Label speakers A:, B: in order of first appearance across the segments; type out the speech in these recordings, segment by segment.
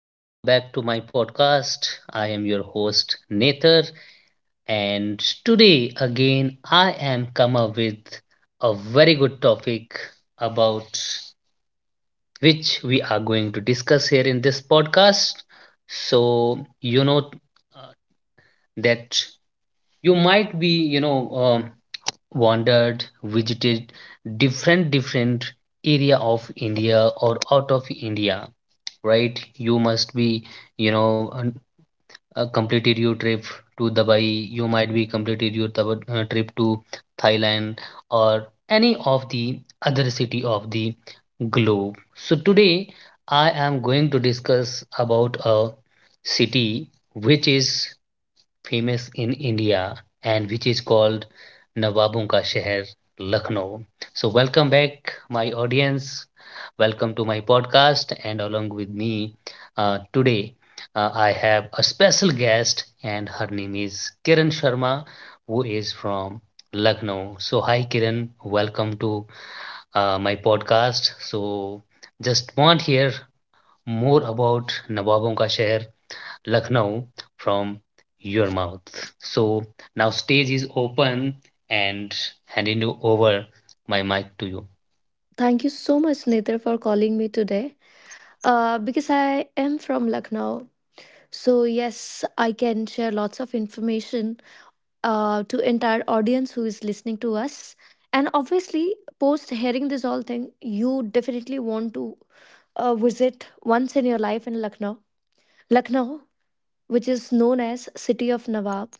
A: Welcome back to my podcast. I am your host Nether, and today again I am come up with a very good topic about which we are going to discuss here in this podcast. So you know uh, that you might be wandered, visited different area of India or out of India, right? You must be, you know, un- completed your trip to Dubai. You might be completed your trip to Thailand or any of the other city of the globe. So today I am going to discuss about a city which is famous in India and which is called Nawabon Ka Sheher, Lucknow. So, welcome back, my audience. Welcome to my podcast. And along with me today, I have a special guest, and her name is Kiran Sharma, who is from Lucknow. So, hi, Kiran. Welcome to my podcast. So, just want to hear more about Nawabon Ka Sheher Lucknow from your mouth. So now stage is open and handing you over my mic to you.
B: Thank you so much, Nithar, for calling me today. Because I am from Lucknow, so yes, I can share lots of information to entire audience who is listening to us. And obviously, post hearing this all thing, you definitely want to visit once in your life in Lucknow. Lucknow, which is known as City of Nawab.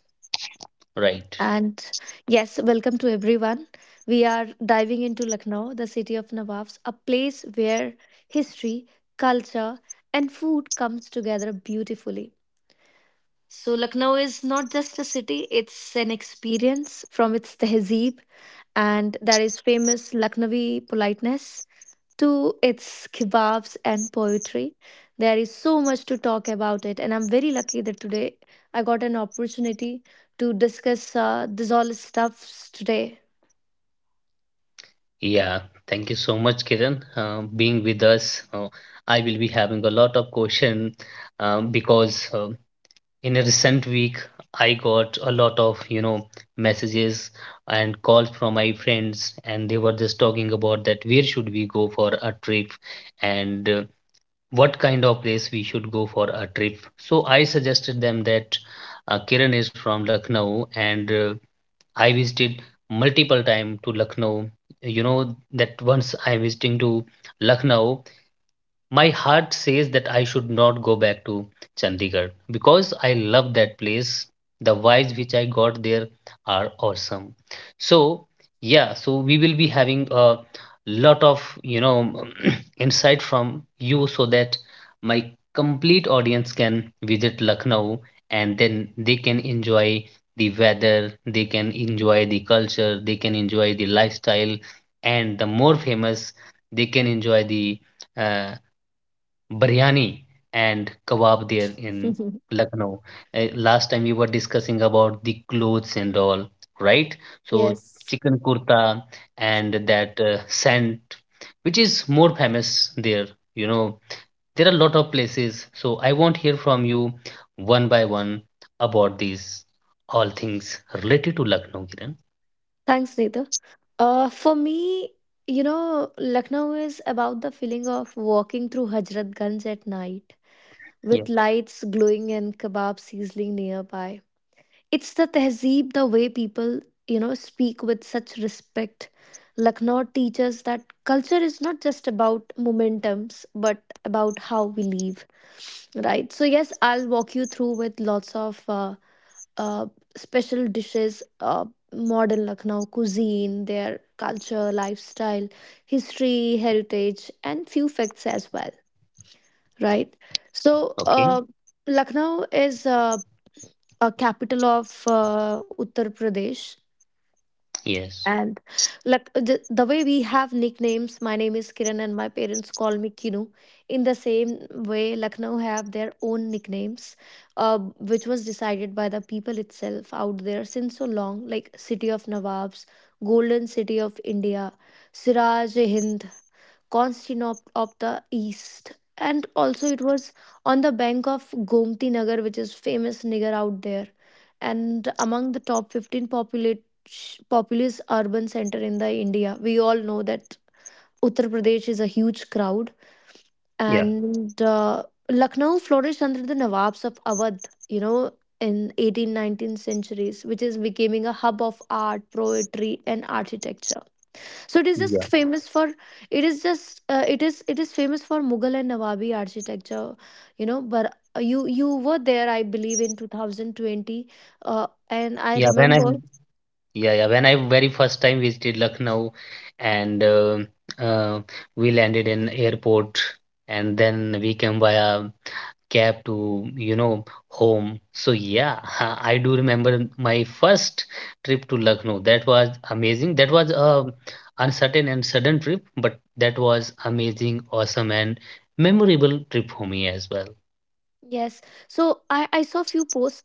A: Right.
B: And yes, welcome to everyone. We are diving into Lucknow, the city of Nawabs, a place where history, culture, and food comes together beautifully. So Lucknow is not just a city, it's an experience from its tehzeeb and that is famous Lucknowi politeness to its kebabs and poetry. There is so much to talk about it, and I'm very lucky that today I got an opportunity to discuss this all stuffs today.
A: Yeah. Thank you so much, Kiran, being with us. I will be having a lot of question, because in a recent week I got a lot of, you know, messages and calls from my friends, and they were just talking about that where should we go for a trip, and what kind of place we should go for a trip. So I suggested them that Kiran is from Lucknow and I visited multiple time to Lucknow. You know that once I visiting to Lucknow, my heart says that I should not go back to Chandigarh because I love that place. The vibes which I got there are awesome. So, yeah, so we will be having a lot of, you know, insight from you so that my complete audience can visit Lucknow and then they can enjoy the weather, they can enjoy the culture, they can enjoy the lifestyle, and the more famous, they can enjoy the uh, biryani and kebab there in Lucknow. Last time we were discussing about the clothes and all, right? So
B: Yes.
A: chicken kurta and that scent, which is more famous there. You know, there are a lot of places. So I want to hear from you one by one about these all things related to Lucknow, Kiran.
B: Thanks, Neeta. For me, you know, Lucknow is about the feeling of walking through Hazrat Ganj at night
A: Yeah.
B: with lights glowing and kebab sizzling nearby. It's the tehzeeb, the way people, you know, speak with such respect. Lucknow teaches that culture is not just about momentums but about how we live, right? So yes, I'll walk you through with lots of uh, special dishes, modern Lucknow cuisine, their culture, lifestyle, history, heritage, and few facts as well, right? so
A: Okay.
B: uh, Lucknow is a capital of Uttar Pradesh.
A: Yes.
B: And like the way we have nicknames, my name is Kiran and my parents call me Kinu. In the same way, Lucknow have their own nicknames, which was decided by the people itself out there since so long, like City of Nawabs, Golden City of India, Siraj Hind, Constantinople of the East. And also, it was on the bank of Gomti Nagar, which is famous Nagar out there, and among the top 15 populous urban center in the India. We all know that Uttar Pradesh is a huge crowd,
A: Yeah.
B: and Lucknow flourished under the Nawabs of Awadh. You know, in 18th, 19th centuries, which is becoming a hub of art, poetry, and architecture. So it is just
A: Yeah.
B: famous for, it is just it is famous for Mughal and Nawabi architecture, you know. But you were there, I believe, in 2020, uh, and I
A: Yeah. When I
B: remember.
A: Yeah, yeah. When I very first time visited Lucknow, and uh, we landed in airport, and then we came via cab to, you know, home. So yeah, I do remember my first trip to Lucknow. That was amazing. That was a uncertain and sudden trip, but that was amazing, awesome, and memorable trip for me as well.
B: Yes. So I saw few posts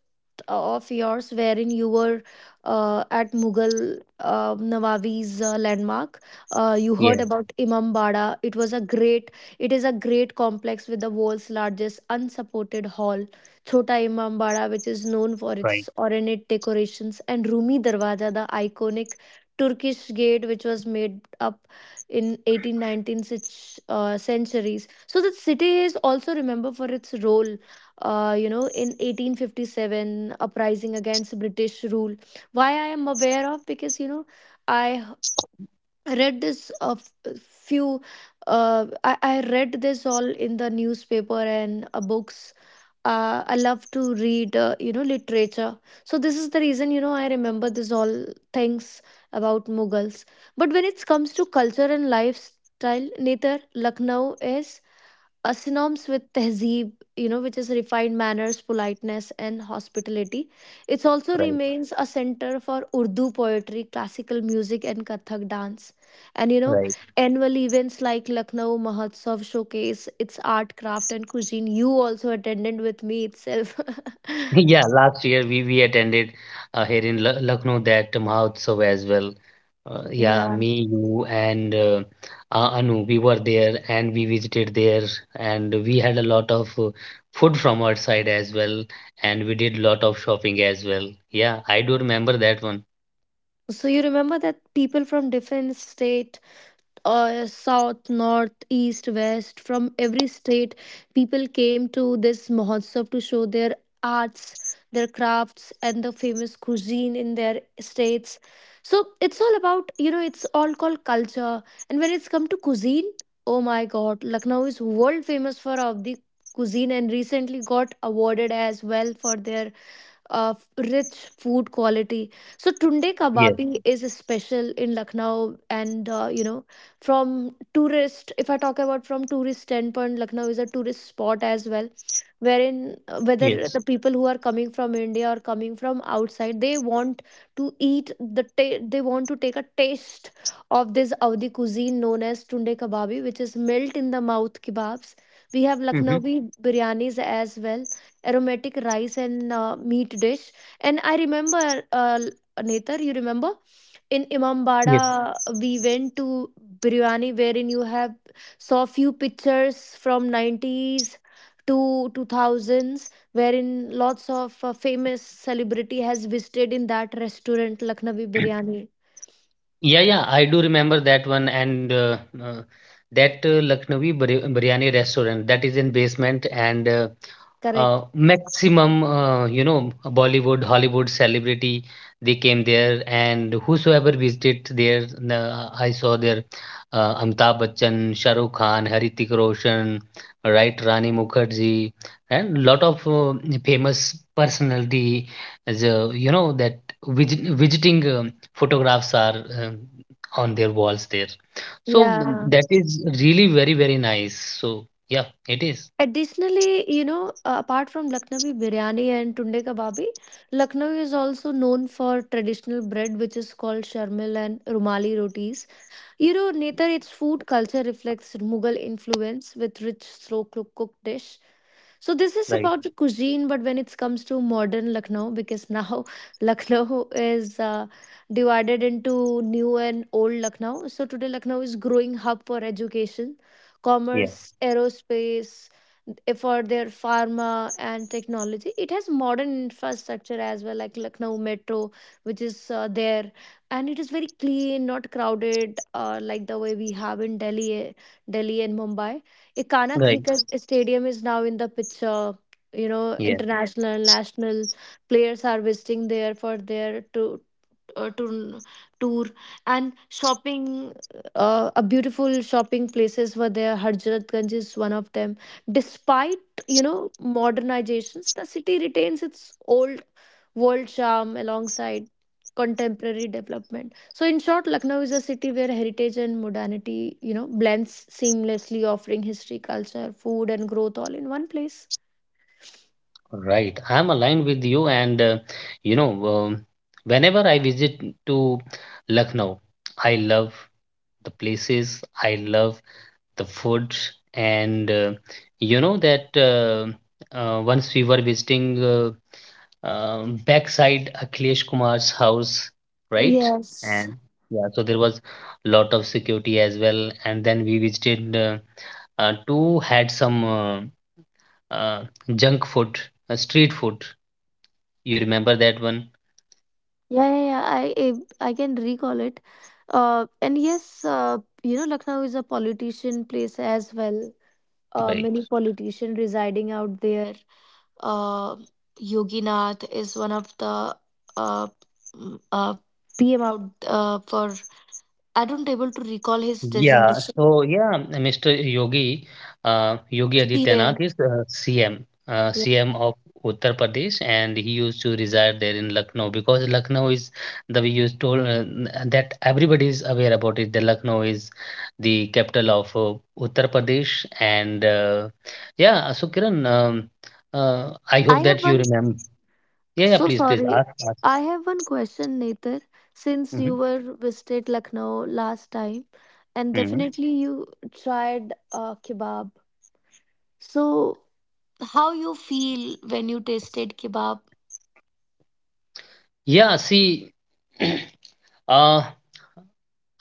B: of yours wherein you were at Mughal Nawabi's landmark. You heard
A: Yes,
B: about Imam Bada. It was a great. It is a great complex with the world's largest unsupported hall, Chota Imam Bada, which is known for
A: right,
B: its ornate decorations, and Rumi Darwaza, the iconic Turkish gate, which was made up in 18th, centuries. So the city is also remembered for its role you know, in 1857 uprising against British rule. Why I am aware of because, you know, I read this few. I read this all in the newspaper and books. I love to read, you know, literature, so this is the reason, you know, I remember this all things about Mughals. But when it comes to culture and lifestyle, neither Lucknow is synonyms with tehzeeb, you know, which is refined manners, politeness, and hospitality. It also
A: right,
B: remains a center for Urdu poetry, classical music, and Kathak dance. And you know,
A: right.
B: annual events like Lucknow Mahotsav showcase its art, craft, and cuisine. You also attended with me itself.
A: Yeah, last year we attended here in Lucknow that Mahotsav as well. Yeah,
B: Yeah.
A: me, you, and Anu, we were there and we visited there, and we had a lot of food from our side as well, and we did a lot of shopping as well. Yeah, I do remember that one.
B: So you remember that people from different state, south, north, east, west, from every state, people came to this Mahotsav to show their arts, their crafts, and the famous cuisine in their states. So it's all about, you know, it's all called culture. And when it's come to cuisine, oh my God, Lucknow is world famous for of the cuisine and recently got awarded as well for their of rich food quality. So tunde
A: Yes,
B: kababi is special in Lucknow, and you know, from tourist. If I talk about from tourist standpoint, Lucknow is a tourist spot as well wherein whether
A: yes.
B: the people who are coming from India or coming from outside, they want to eat they want to take a taste of this Awadhi cuisine known as tunde kebabi, which is melt in the mouth kebabs. We have
A: Mm-hmm.
B: Lucknowi biryanis as well, aromatic rice and meat dish. And I remember, uh, Netar, you remember in
A: Yes.
B: Imambada, we went to biryani wherein you have saw few pictures from 90s to 2000s wherein lots of famous celebrity has visited in that restaurant Lucknowi biryani.
A: Yeah, yeah, I do remember that one and that Lucknowi biryani restaurant that is in basement. And. Uh,
B: Correct.
A: maximum, you know, Bollywood Hollywood celebrity they came there and whosoever visited there, I saw there Amitabh Bachchan, Shahrukh Khan, Haritik Roshan, right, Rani Mukherjee, and lot of famous personality, as you know, that visiting photographs are on their walls there. So mm,
B: Yeah,
A: that is really very very nice. So yeah, it is
B: additionally, you know, apart from Lucknowi biryani and tunde kebabi, Lucknow is also known for traditional bread which is called sharmil and rumali rotis. You know, Netar, its food culture reflects Mughal influence with rich, cooked dish. So this is
A: right,
B: about the cuisine, but when it comes to modern Lucknow, because now Lucknow is divided into new and old Lucknow. So today Lucknow is growing hub for education,
A: yeah,
B: commerce, aerospace, for their pharma and technology. It has modern infrastructure as well, like Lucknow Metro, which is there, and it is very clean, not crowded, like the way we have in Delhi and Mumbai. Ikana
A: right.
B: cricket stadium is now in the picture, you know,
A: Yeah,
B: international, national players are visiting there for their to uh, tour, tour and shopping. A beautiful shopping places were there, Harjat Ganj is one of them. Despite, you know, modernizations, the city retains its old world charm alongside contemporary development. So in short, Lucknow is a city where heritage and modernity, you know, blends seamlessly, offering history, culture, food, and growth all in one place.
A: right. I'm aligned with you, and you know, um, whenever I visit to Lucknow, I love the places, I love the food, and you know that, once we were visiting, backside Akhilesh Kumar's house, right?
B: Yes.
A: And yeah, so there was lot of security as well, and then we visited. Two had some uh, junk food, street food. You remember that one?
B: Yeah, yeah, yeah. I can recall it. And yes, you know, Lucknow is a politician place as well. Uh,
A: Right.
B: many politician residing out there. Uh, Yogi Nath is one of the uh, mm, uh, PM out for. I don't able to recall his
A: Yeah,
B: designation.
A: so yeah, Mr. Yogi, Yogi Adityanath
B: PM.
A: is
B: Yeah.
A: CM of Uttar Pradesh, and he used to reside there in Lucknow because Lucknow is the we used told that everybody is aware about it. The Lucknow is the capital of Uttar Pradesh, and yeah, so Kiran, I hope
B: I have
A: that you
B: one.
A: remember. Yeah, yeah,
B: So
A: please, please
B: sorry.
A: ask,
B: I have one question, Nether. Since
A: ask.
B: you were visited Lucknow last time, and
A: Hmm.
B: definitely you tried kebab. So how you feel when you tasted kebab?
A: Yeah, see, uh,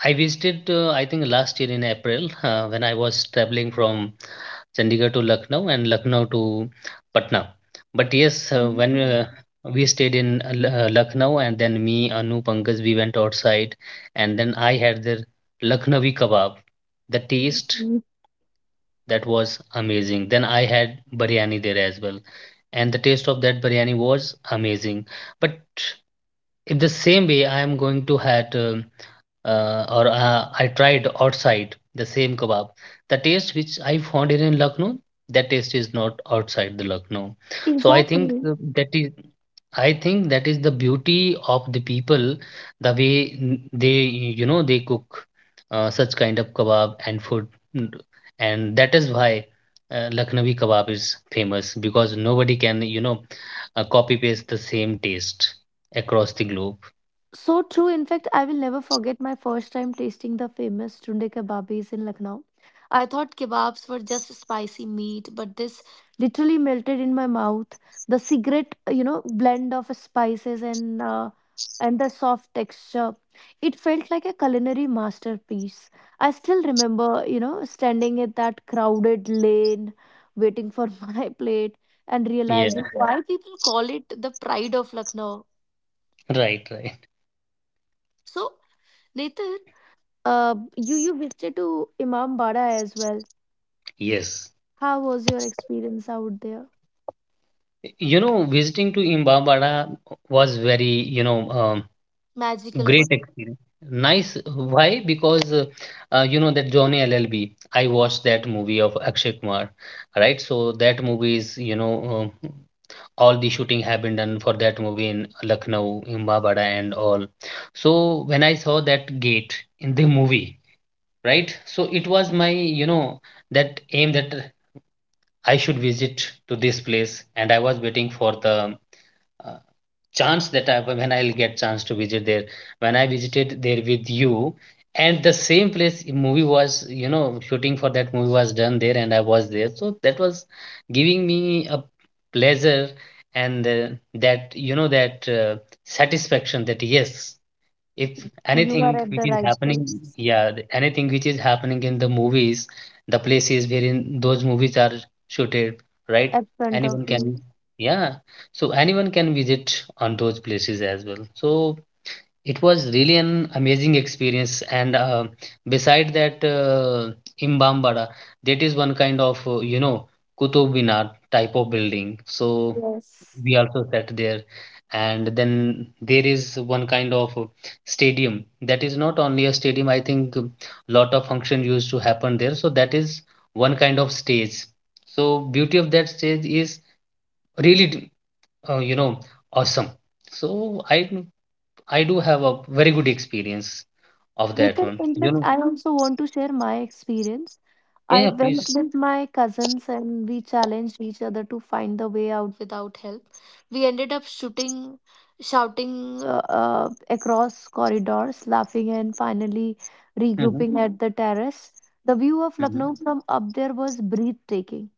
A: I visited, I think, last year in April when I was traveling from Chandigarh to Lucknow and Lucknow to Patna. But yes, when we stayed in Lucknow and then me, Anu, Pankaj, we went outside and then I had the Lucknowi kebab. The taste
B: Mhm.
A: that was amazing. Then I had biryani there as well. And the taste of that biryani was amazing. But in the same way I am going to had or I tried outside the same kebab, the taste which I found in Lucknow, that taste is not outside the Lucknow. So I think
B: Exactly.
A: that is I think that is the beauty of the people, the way they, you know, they cook such kind of kebab and food. Mm, and that is why Lucknowi kebab is famous because nobody can, you know, copy paste the same taste across the globe.
B: So true. In fact, I will never forget my first time tasting the famous tunde kebabis in Lucknow. I thought kebabs were just spicy meat, but this literally melted in my mouth. The cigarette, you know, blend of spices and the soft texture. It felt like a culinary masterpiece. I still remember, you know, standing at that crowded lane, waiting for my plate, and
A: Yeah,
B: realizing why people call it the pride of Lucknow.
A: right, right.
B: So. Later, you visited to Imambada as well.
A: Yes.
B: How was your experience out there?
A: You know, visiting to Imbabada was very, you know,
B: Magical for
A: great experience.
B: me.
A: Nice. Why? Because, you know, that Johnny LLB. I watched that movie of Akshay Kumar, right? So that movie is, you know, um, all the shooting have been done for that movie in Lucknow, Imbabada, and all. So when I saw that gate in the movie, right? So it was my, you know, that aim that I should visit to this place, and I was waiting for the uh, chance that I, when I'll get chance to visit there. When I visited there with you, and the same place movie was, you know, shooting for that movie was done there, and I was there. So that was giving me a pleasure and that you know that satisfaction that yes, if
B: You are
A: anything
B: at
A: which
B: the
A: is
B: right
A: happening,
B: place,
A: yeah, anything which is happening in the movies, the places wherein those movies are shooted, right,
B: at front of
A: anyone can,
B: you.
A: yeah, so anyone can visit on those places as well. So it was really an amazing experience and beside that imbambada, that is one kind of you know kutub minar type of building. So
B: Yes.
A: we also sat there and then there is one kind of stadium, that is not only a stadium, I think lot of function used to happen there, so that is one kind of stage. So beauty of that stage is really you know awesome. So I do have a very good experience of that
B: Nitin,
A: one,
B: in
A: you
B: fact,
A: know.
B: I also want to share my experience.
A: Yeah,
B: I
A: yeah,
B: went
A: please.
B: with my cousins and we challenged each other to find the way out without help. We ended up shouting across corridors, laughing, and finally
A: Mm-hmm.
B: regrouping at the terrace. The view of
A: Mm-hmm.
B: Lucknow from up there was breathtaking.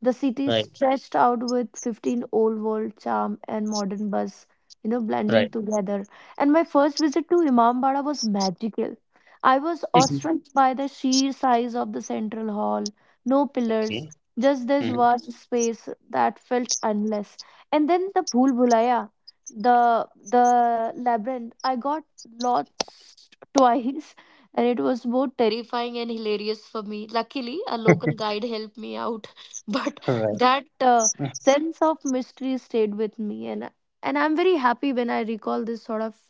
B: The city
A: Right,
B: stretched out with 15 old world charm and modern buzz, you know, blending
A: right.
B: together. And my first visit to Imambada was magical. I was
A: Mhm.
B: awestruck by the sheer size of the central hall. No pillars,
A: Okay.
B: just this
A: Mm-hmm.
B: vast space that felt endless. And then the Bhul Bhulaya, the labyrinth. I got lost twice, and it was both terrifying and hilarious for me. Luckily, a local guide helped me out, but
A: Right.
B: that sense of mystery stayed with me, and I'm very happy when I recall this sort of,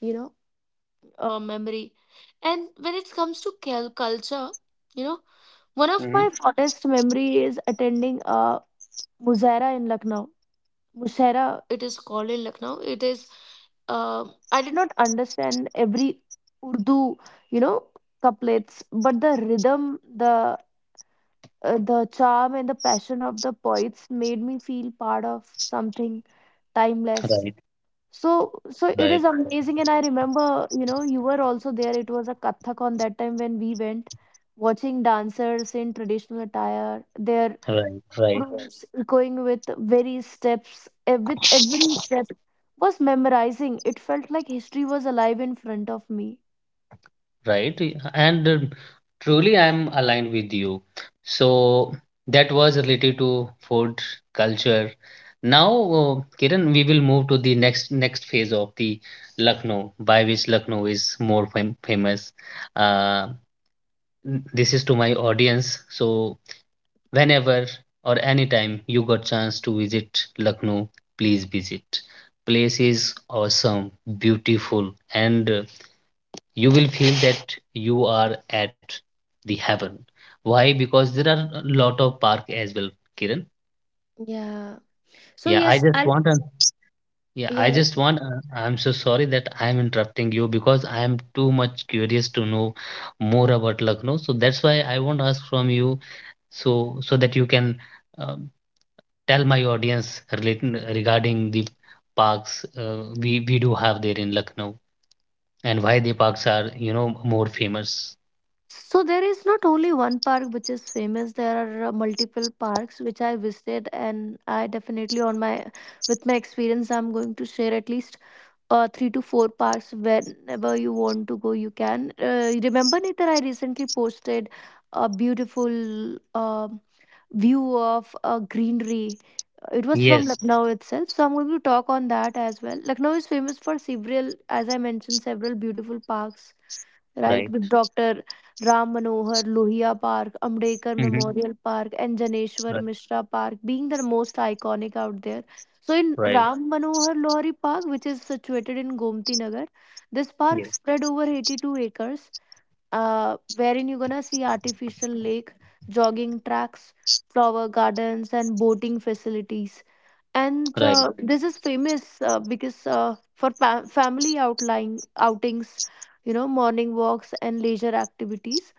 B: you know, memory. And when it comes to culture, you know, one of my
A: Hmm.
B: fondest memory is attending a Muzaira in Lucknow. Musaira, it is called in Lucknow. It is. Uh, I did not understand every Urdu, you know, couplets, but the rhythm, the charm, and the passion of the poets made me feel part of something timeless.
A: Right,
B: So it is
A: right,
B: amazing. And I remember, you know, you were also there. It was a Kathak on that time when we went, watching dancers in traditional attire, their
A: right, right.
B: groups going with various steps, with every step was memorizing. It felt like history was alive in front of me.
A: Right. And truly, I'm aligned with you. So that was related to food culture. Now, Kiran, we will move to the next phase of the Lucknow, by which Lucknow is more famous. Uh, this is to my audience. So whenever or anytime you got chance to visit Lucknow, please visit. Place is awesome, beautiful, and you will feel that you are at the heaven. Why? Because there are a lot of park as well, Kiran.
B: Yeah. So
A: Yeah, I
B: yes,
A: just
B: I'll
A: want to. Yeah, I
B: Yeah.
A: just want. I'm so sorry that I'm interrupting you because I am too much curious to know more about Lucknow. So that's why I want to ask from you, so so that you can um, tell my audience relating regarding the parks we do have there in Lucknow and why the parks are, you know, more famous.
B: So there is not only one park which is famous. There are multiple parks which I visited, and I definitely on my with my experience, I'm going to share at least three to four parks. Whenever you want to go, you can. Remember, Nitar, I recently posted a beautiful view of greenery. It was from
A: Yes,
B: Lucknow itself, so I'm going to talk on that as well. Lucknow is famous for several, as I mentioned, several beautiful parks, right?
A: right.
B: With Dr. Ram Manohar Lohia Park, Ambedkar
A: Mhm.
B: Memorial Park, and Janeshwar
A: Right,
B: Mishra Park being the most iconic out there. So, in
A: right.
B: Ram Manohar Lohari Park, which is situated in Gomti Nagar, this park
A: Yes.
B: spread over 82 acres, wherein you're gonna see artificial lake, jogging tracks, flower gardens, and boating facilities and
A: Right.
B: this is famous because for family outlying outings, you know, morning walks and leisure activities.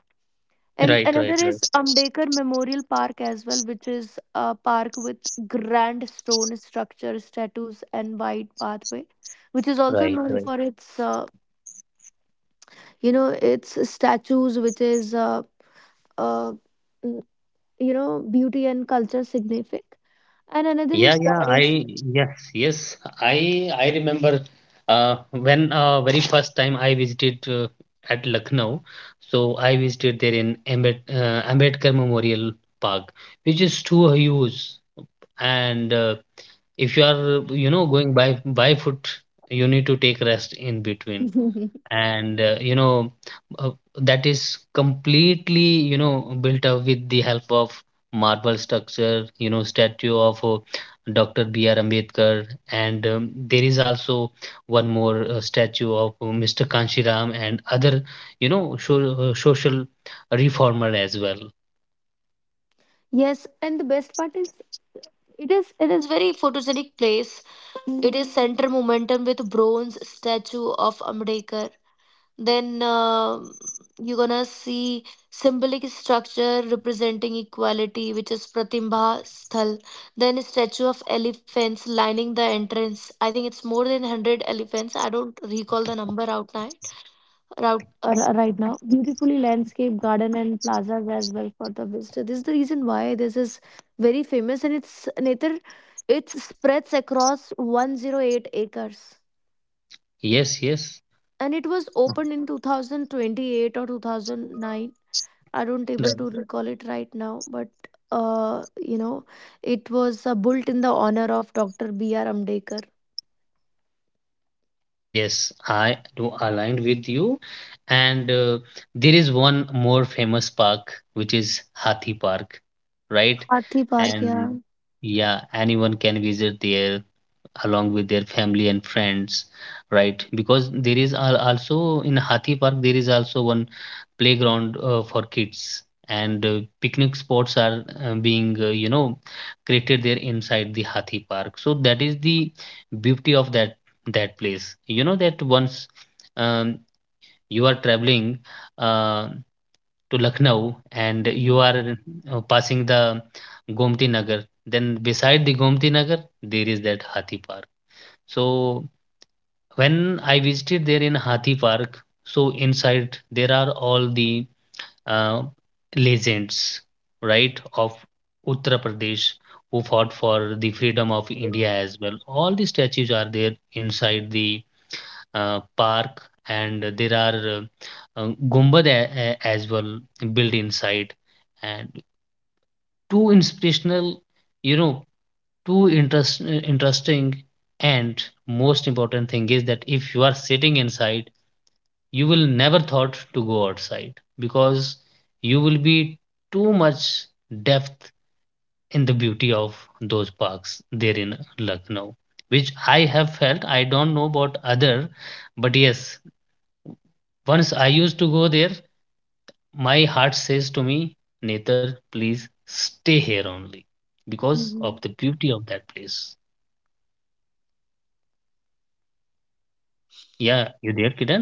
B: And
A: Right. Right.
B: another is
A: Right.
B: Ambedkar Memorial Park as well, which is a park with grand stone structures, statues, and wide pathway, which is also
A: Right.
B: known
A: Right.
B: for its, you know, its statues, which is, uh, mm, you know, beauty and culture significant. And another
A: Yeah.
B: is
A: Yeah.
B: right.
A: I. Yes. Yes. I. I remember. When very first time I visited at Lucknow, so I visited there in Ambedkar Memorial Park, which is too huge. And if you are, you know, going by foot, you need to take rest in between.
B: Dharmeshwar.
A: And you know, uh, that is completely, you know, built up with the help of marble structure, you know, statue of Dr. BR Ambedkar. And there is also one more statue of Mr. Kanshiram and other, you know, so, social reformer as well.
B: Yes, and the best part is it is it is very photogenic place. It is center momentum with bronze statue of Ambedkar. Then you're gonna see symbolic structure representing equality, which is Pratibha Sthal. Then a statue of elephants lining the entrance. I think it's more than 100 elephants. I don't recall the number out now route right now. Beautifully landscaped garden and plazas as well for the visitor. This is the reason why this is very famous, and it's Nether, it spreads across 108 acres,
A: Yes, yes.
B: and it was opened in 2028 or 2009. I don't able to recall it right now, but you know, it was built in the honor of Dr. B.R. Ambedkar.
A: Yes, I do aligned with you. And there is one more famous park, which is Hathi Park, right?
B: Hathi Park, yeah.
A: And yeah, anyone can visit there along with their family and friends, right? Because there is also in Hathi Park there is also one playground for kids and picnic spots are being created there inside the Hathi Park. So that is the beauty of that place, you know, that once um, you are traveling uh, to Lucknow and you
B: Hmm.
A: are passing the Gomti Nagar, then beside the Gomti Nagar there is that Hathi Park. So when I visited there in Hathi Park, so inside there are all the uh, legends, right, of Uttar Pradesh who fought for the freedom of India as well. All the statues are there inside the park, and there are gumbad as well built inside, and two inspirational, you know interesting, and most important thing is that if you are sitting inside, you will never thought to go outside, because you will be too much depth in the beauty of those parks there in Lucknow, which I have felt. I don't know about other, but yes, once I used to go there, my heart says to me, Nether, please stay here only, because of
B: Mhm.
A: the beauty of that place. Yeah, you there, Kiran?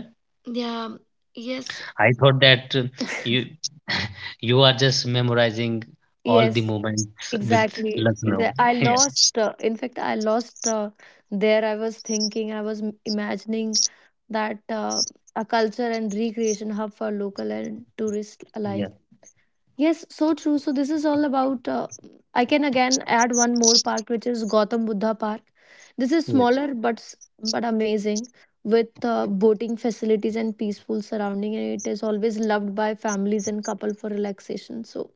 B: Yeah. Yes.
A: I thought that you you are just memorizing all the
B: Yes.
A: moments with
B: Exactly.
A: Lucknow.
B: I lost, in fact, I lost there. I was thinking, I was imagining that a culture and recreation hub for local and tourist
A: Yeah,
B: alike. Yes, so true. So this is all about. I can again add one more park, which is Gautam Buddha Park. This is
A: yeah, yes,
B: smaller but but amazing with boating facilities and peaceful surrounding, and it is always loved by families and couple for relaxation. So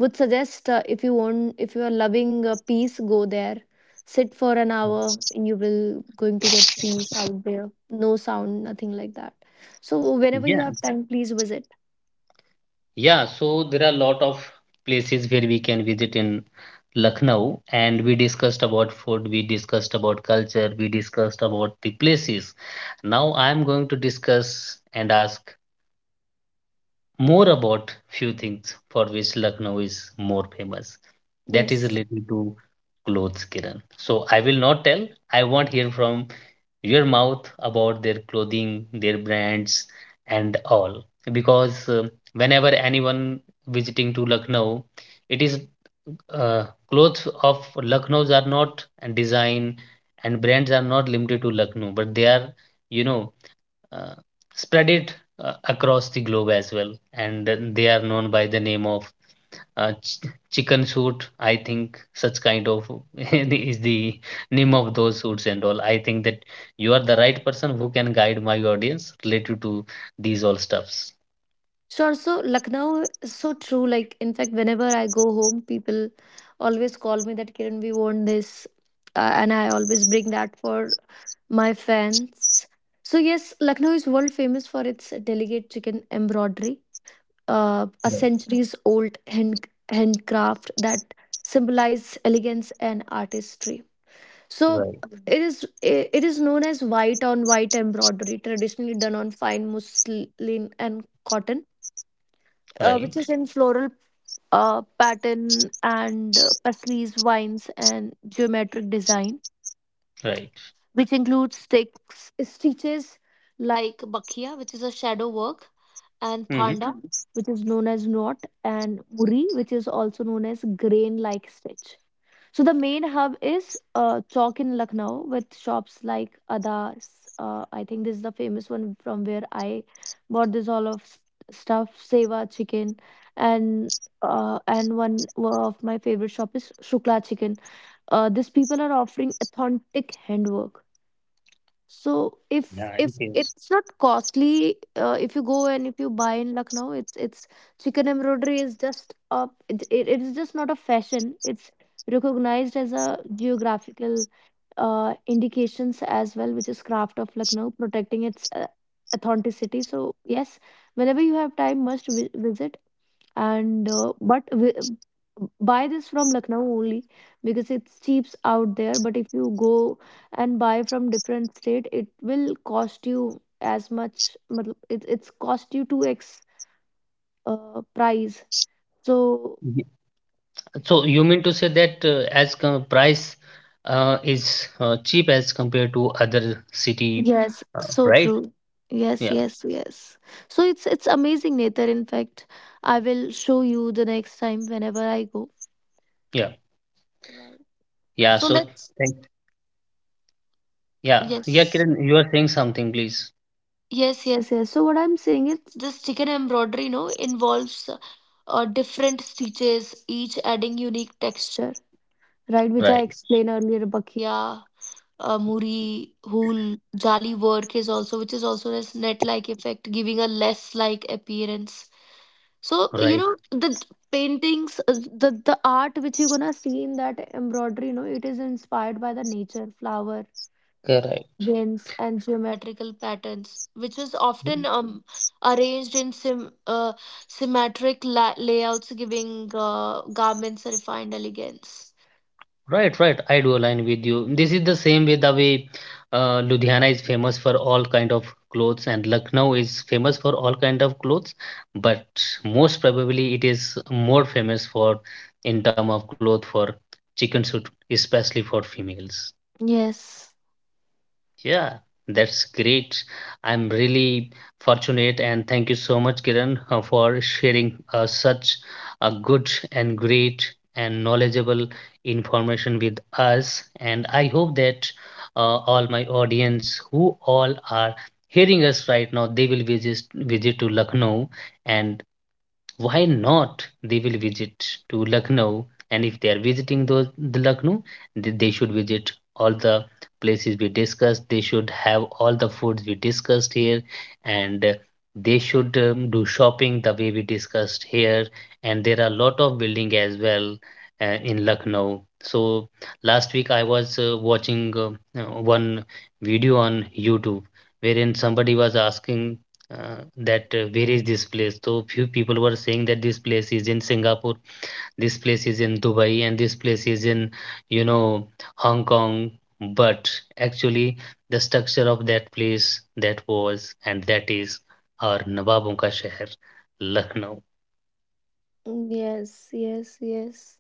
B: would suggest if you want, if you are loving peace, go there. Sit for an
A: uh,
B: hour, and you will going to get peace out there. No sound, nothing like that. So whenever you
A: yeah,
B: have time, please visit.
A: yeah. So there are a lot of places where we can visit in Lucknow, and we discussed about food, we discussed about culture, we discussed about the places. Now I am going to discuss and ask more about few things for which Lucknow is more famous. That is
B: Yes.
A: related to clothes, Kiran. So I will not tell. I want hear from your mouth about their clothing, their brands, and all. Because whenever anyone visiting to Lucknow, it is uh, clothes of Lucknow's are not and design and brands are not limited to Lucknow, but they are, you know, uh, spread it across the globe as well, and they are known by the name of uh, ch- chicken suit, I think. Such kind of is the name of those suits and all. I think that you are the right person who can guide my audience related to these all stuffs.
B: Sure. So Lucknow is so true. Like, in fact, whenever I go home, people always call me that Kiran, we want this. And I always bring that for my fans. So, yes, Lucknow is world famous for its delicate chicken embroidery, a
A: Right.
B: centuries old handcraft that symbolizes elegance and artistry. So,
A: Right.
B: it is it is known as white on white embroidery, traditionally done on fine muslin and cotton, which is
A: Right,
B: in floral pattern and pasleys, vines, and geometric design,
A: right.
B: which includes sticks, stitches like bakhia, which is a shadow work, and
A: Hmm.
B: phanda, mm, which is known as knot, and muri, which is also known as grain like stitch. So the main hub is Chowk in Lucknow with shops like Adas. I think this is the famous one from where I bought this all of stuff, Seva chicken, and and one of my favorite shop is Shukla chicken. These people are offering authentic handwork. So
A: Yeah, it
B: if
A: is.
B: it's not costly, if you go and if you buy in Lucknow, it's chicken embroidery is just a it is just not a fashion. It's recognized as a geographical indications as well, which is craft of Lucknow, protecting its authenticity. So yes, whenever you have time, must visit. And buy this from Lucknow only because it's cheaps out there. But if you go and buy from different state, it will cost you as much. Matlab, it's cost you two x price. So
A: Ye- So you mean to say that as com price is cheap as compared to other city,
B: yes,
A: uh,
B: so
A: right?
B: true. Yes,
A: Yeah,
B: yes, yes. So it's amazing, Nether. In fact, I will show you the next time whenever I go.
A: yeah.
B: Right.
A: Yeah,
B: So
A: so
B: let's
A: thank yeah, yeah,
B: yes.
A: Kiran, you are saying something, please.
B: Yes, yes, yes. So what I'm saying is this chicken embroidery, you know, involves different stitches, each adding unique texture, right? Which I
A: Right,
B: explained earlier, Bakya, Muri, Hool, Jali work is also, which is also as net-like effect, giving a less-like appearance. So, you
A: right,
B: know, the paintings, the art which you're gonna see in that embroidery, you know, it is inspired by the nature, flower,
A: correct.
B: winds and geometrical patterns, which is
A: Mm.
B: often arranged in symmetric layouts, giving garments a refined elegance.
A: Right, right. I do align with you. This is the same way the way Ludhiana is famous for all kind of clothes and Lucknow is famous for all kind of clothes, but most probably it is more famous for in term of cloth for chicken suit, especially for females.
B: Yes.
A: Yeah, that's great. I'm really fortunate, and thank you so much, Kiran, for sharing such a good and great and knowledgeable information with us. And I hope that all my audience who all are hearing us right now, they will visit to Lucknow, and why not, they will visit to Lucknow. And if they are visiting those the Lucknow, they should visit all the places we discussed, they should have all the foods we discussed here, and they should do shopping the way we discussed here. And there are a lot of building as well in Lucknow. So last week I was watching one video on YouTube wherein somebody was asking that where is this place. So few people were saying that this place is in Singapore, this place is in Dubai, and this place is in, you know, Hong Kong, but actually the structure of that place that was and that is our nawabon ka sheher, Lucknow.
B: Yes, yes, yes.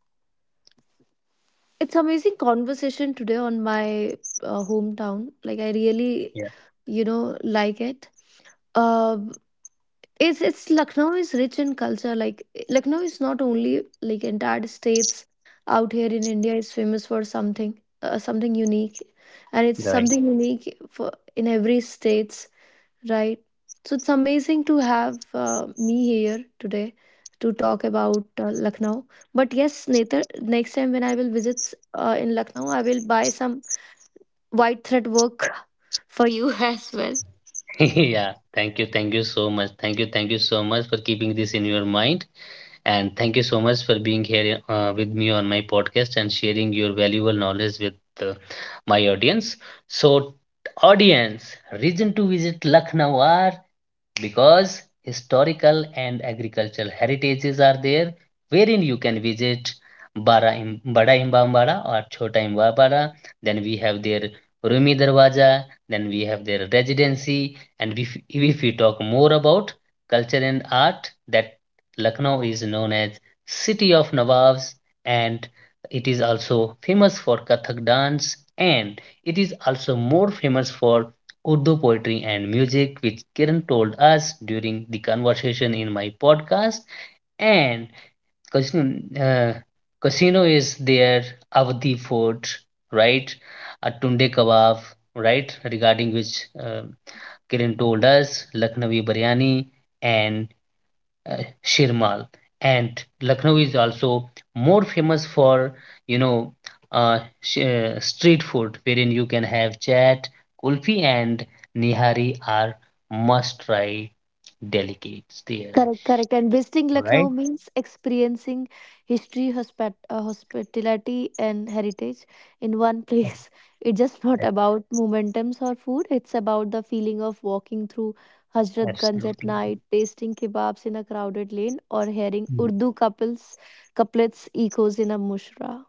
B: It's amazing conversation today on my hometown. Like I really,
A: Yeah,
B: you know, like it. Um it's Lucknow is rich in culture. Like Lucknow is not only like entire states out here in India is famous for something something unique, and it's
A: right.
B: something unique for in every states, right? So it's amazing to have me here today to talk about Lucknow. But yes, Nether, next time when I will visit in Lucknow, I will buy some white thread work for you as well.
A: Yeah, thank you, thank you so much, thank you, thank you so much for keeping this in your mind. And thank you so much for being here with me on my podcast and sharing your valuable knowledge with uh, my audience. So, audience, reason to visit Lucknow are because historical and agricultural heritages are there, wherein you can visit Bada Imbambara or Chota Imbambara. Then we have their Rumi Darwaja, then we have their residency. And if we talk more about culture and art, that Lucknow is known as City of Nawabs, and it is also famous for Kathak dance, and it is also more famous for Urdu poetry and music, which Kiran told us during the conversation in my podcast. And Casino, uh, Casino is there, Avadi Fort, right? A Tunde Kebab, right? Regarding which Kiran told us, Lucknowi Biryani, and uh, Shirmal. And Lucknow is also more famous for, you know, uh, street food, wherein you can have chaat, kulfi, and nihari are must-try delicates there,
B: Correct, correct. And visiting Lucknow
A: right?
B: means experiencing history, hospitality, and heritage in one place. It's just not
A: Ab-
B: about momentums or food. It's about the feeling of walking through Hazratganj at
A: Absolutely.
B: night, tasting kebabs in a crowded lane, or hearing Urdu couples couplets echoes in a mushra.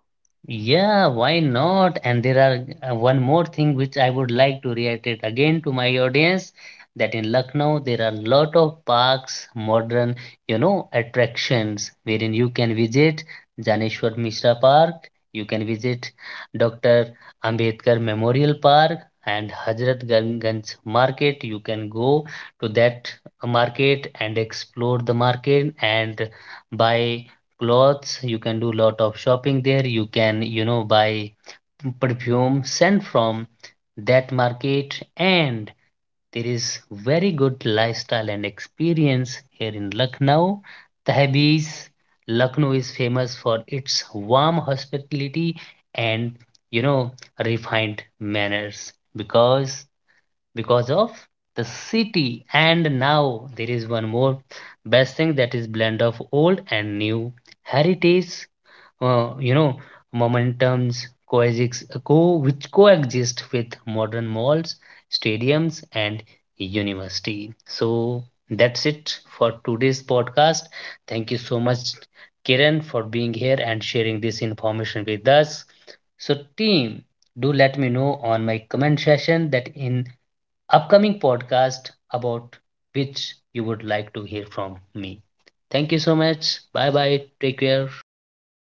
A: Yeah, why not? And there are one more thing which I would like to reiterate again to my audience, that in Lucknow there are a lot of parks, modern, you know, attractions wherein you can visit Janeshwar Mishra Park, you can visit Dr. Ambedkar Memorial Park and Hazrat Ganj Market. You can go to that market and explore the market and buy clothes, you can do lot of shopping there, you can, you know, buy perfume sent from that market. And there is very good lifestyle and experience here in Lucknow. Tehbees, Lucknow is famous for its warm hospitality and, you know, refined manners, because of the city. And now there is one more best thing, that is blend of old and new heritage, you know, momentums coexist, co which coexist with modern malls, stadiums, and university. So that's it for today's podcast. Thank you so much, Kiran, for being here and sharing this information with us. So, team, do let me know on my comment session that in upcoming podcast about which you would like to hear from me. Thank you so much, bye bye, take care.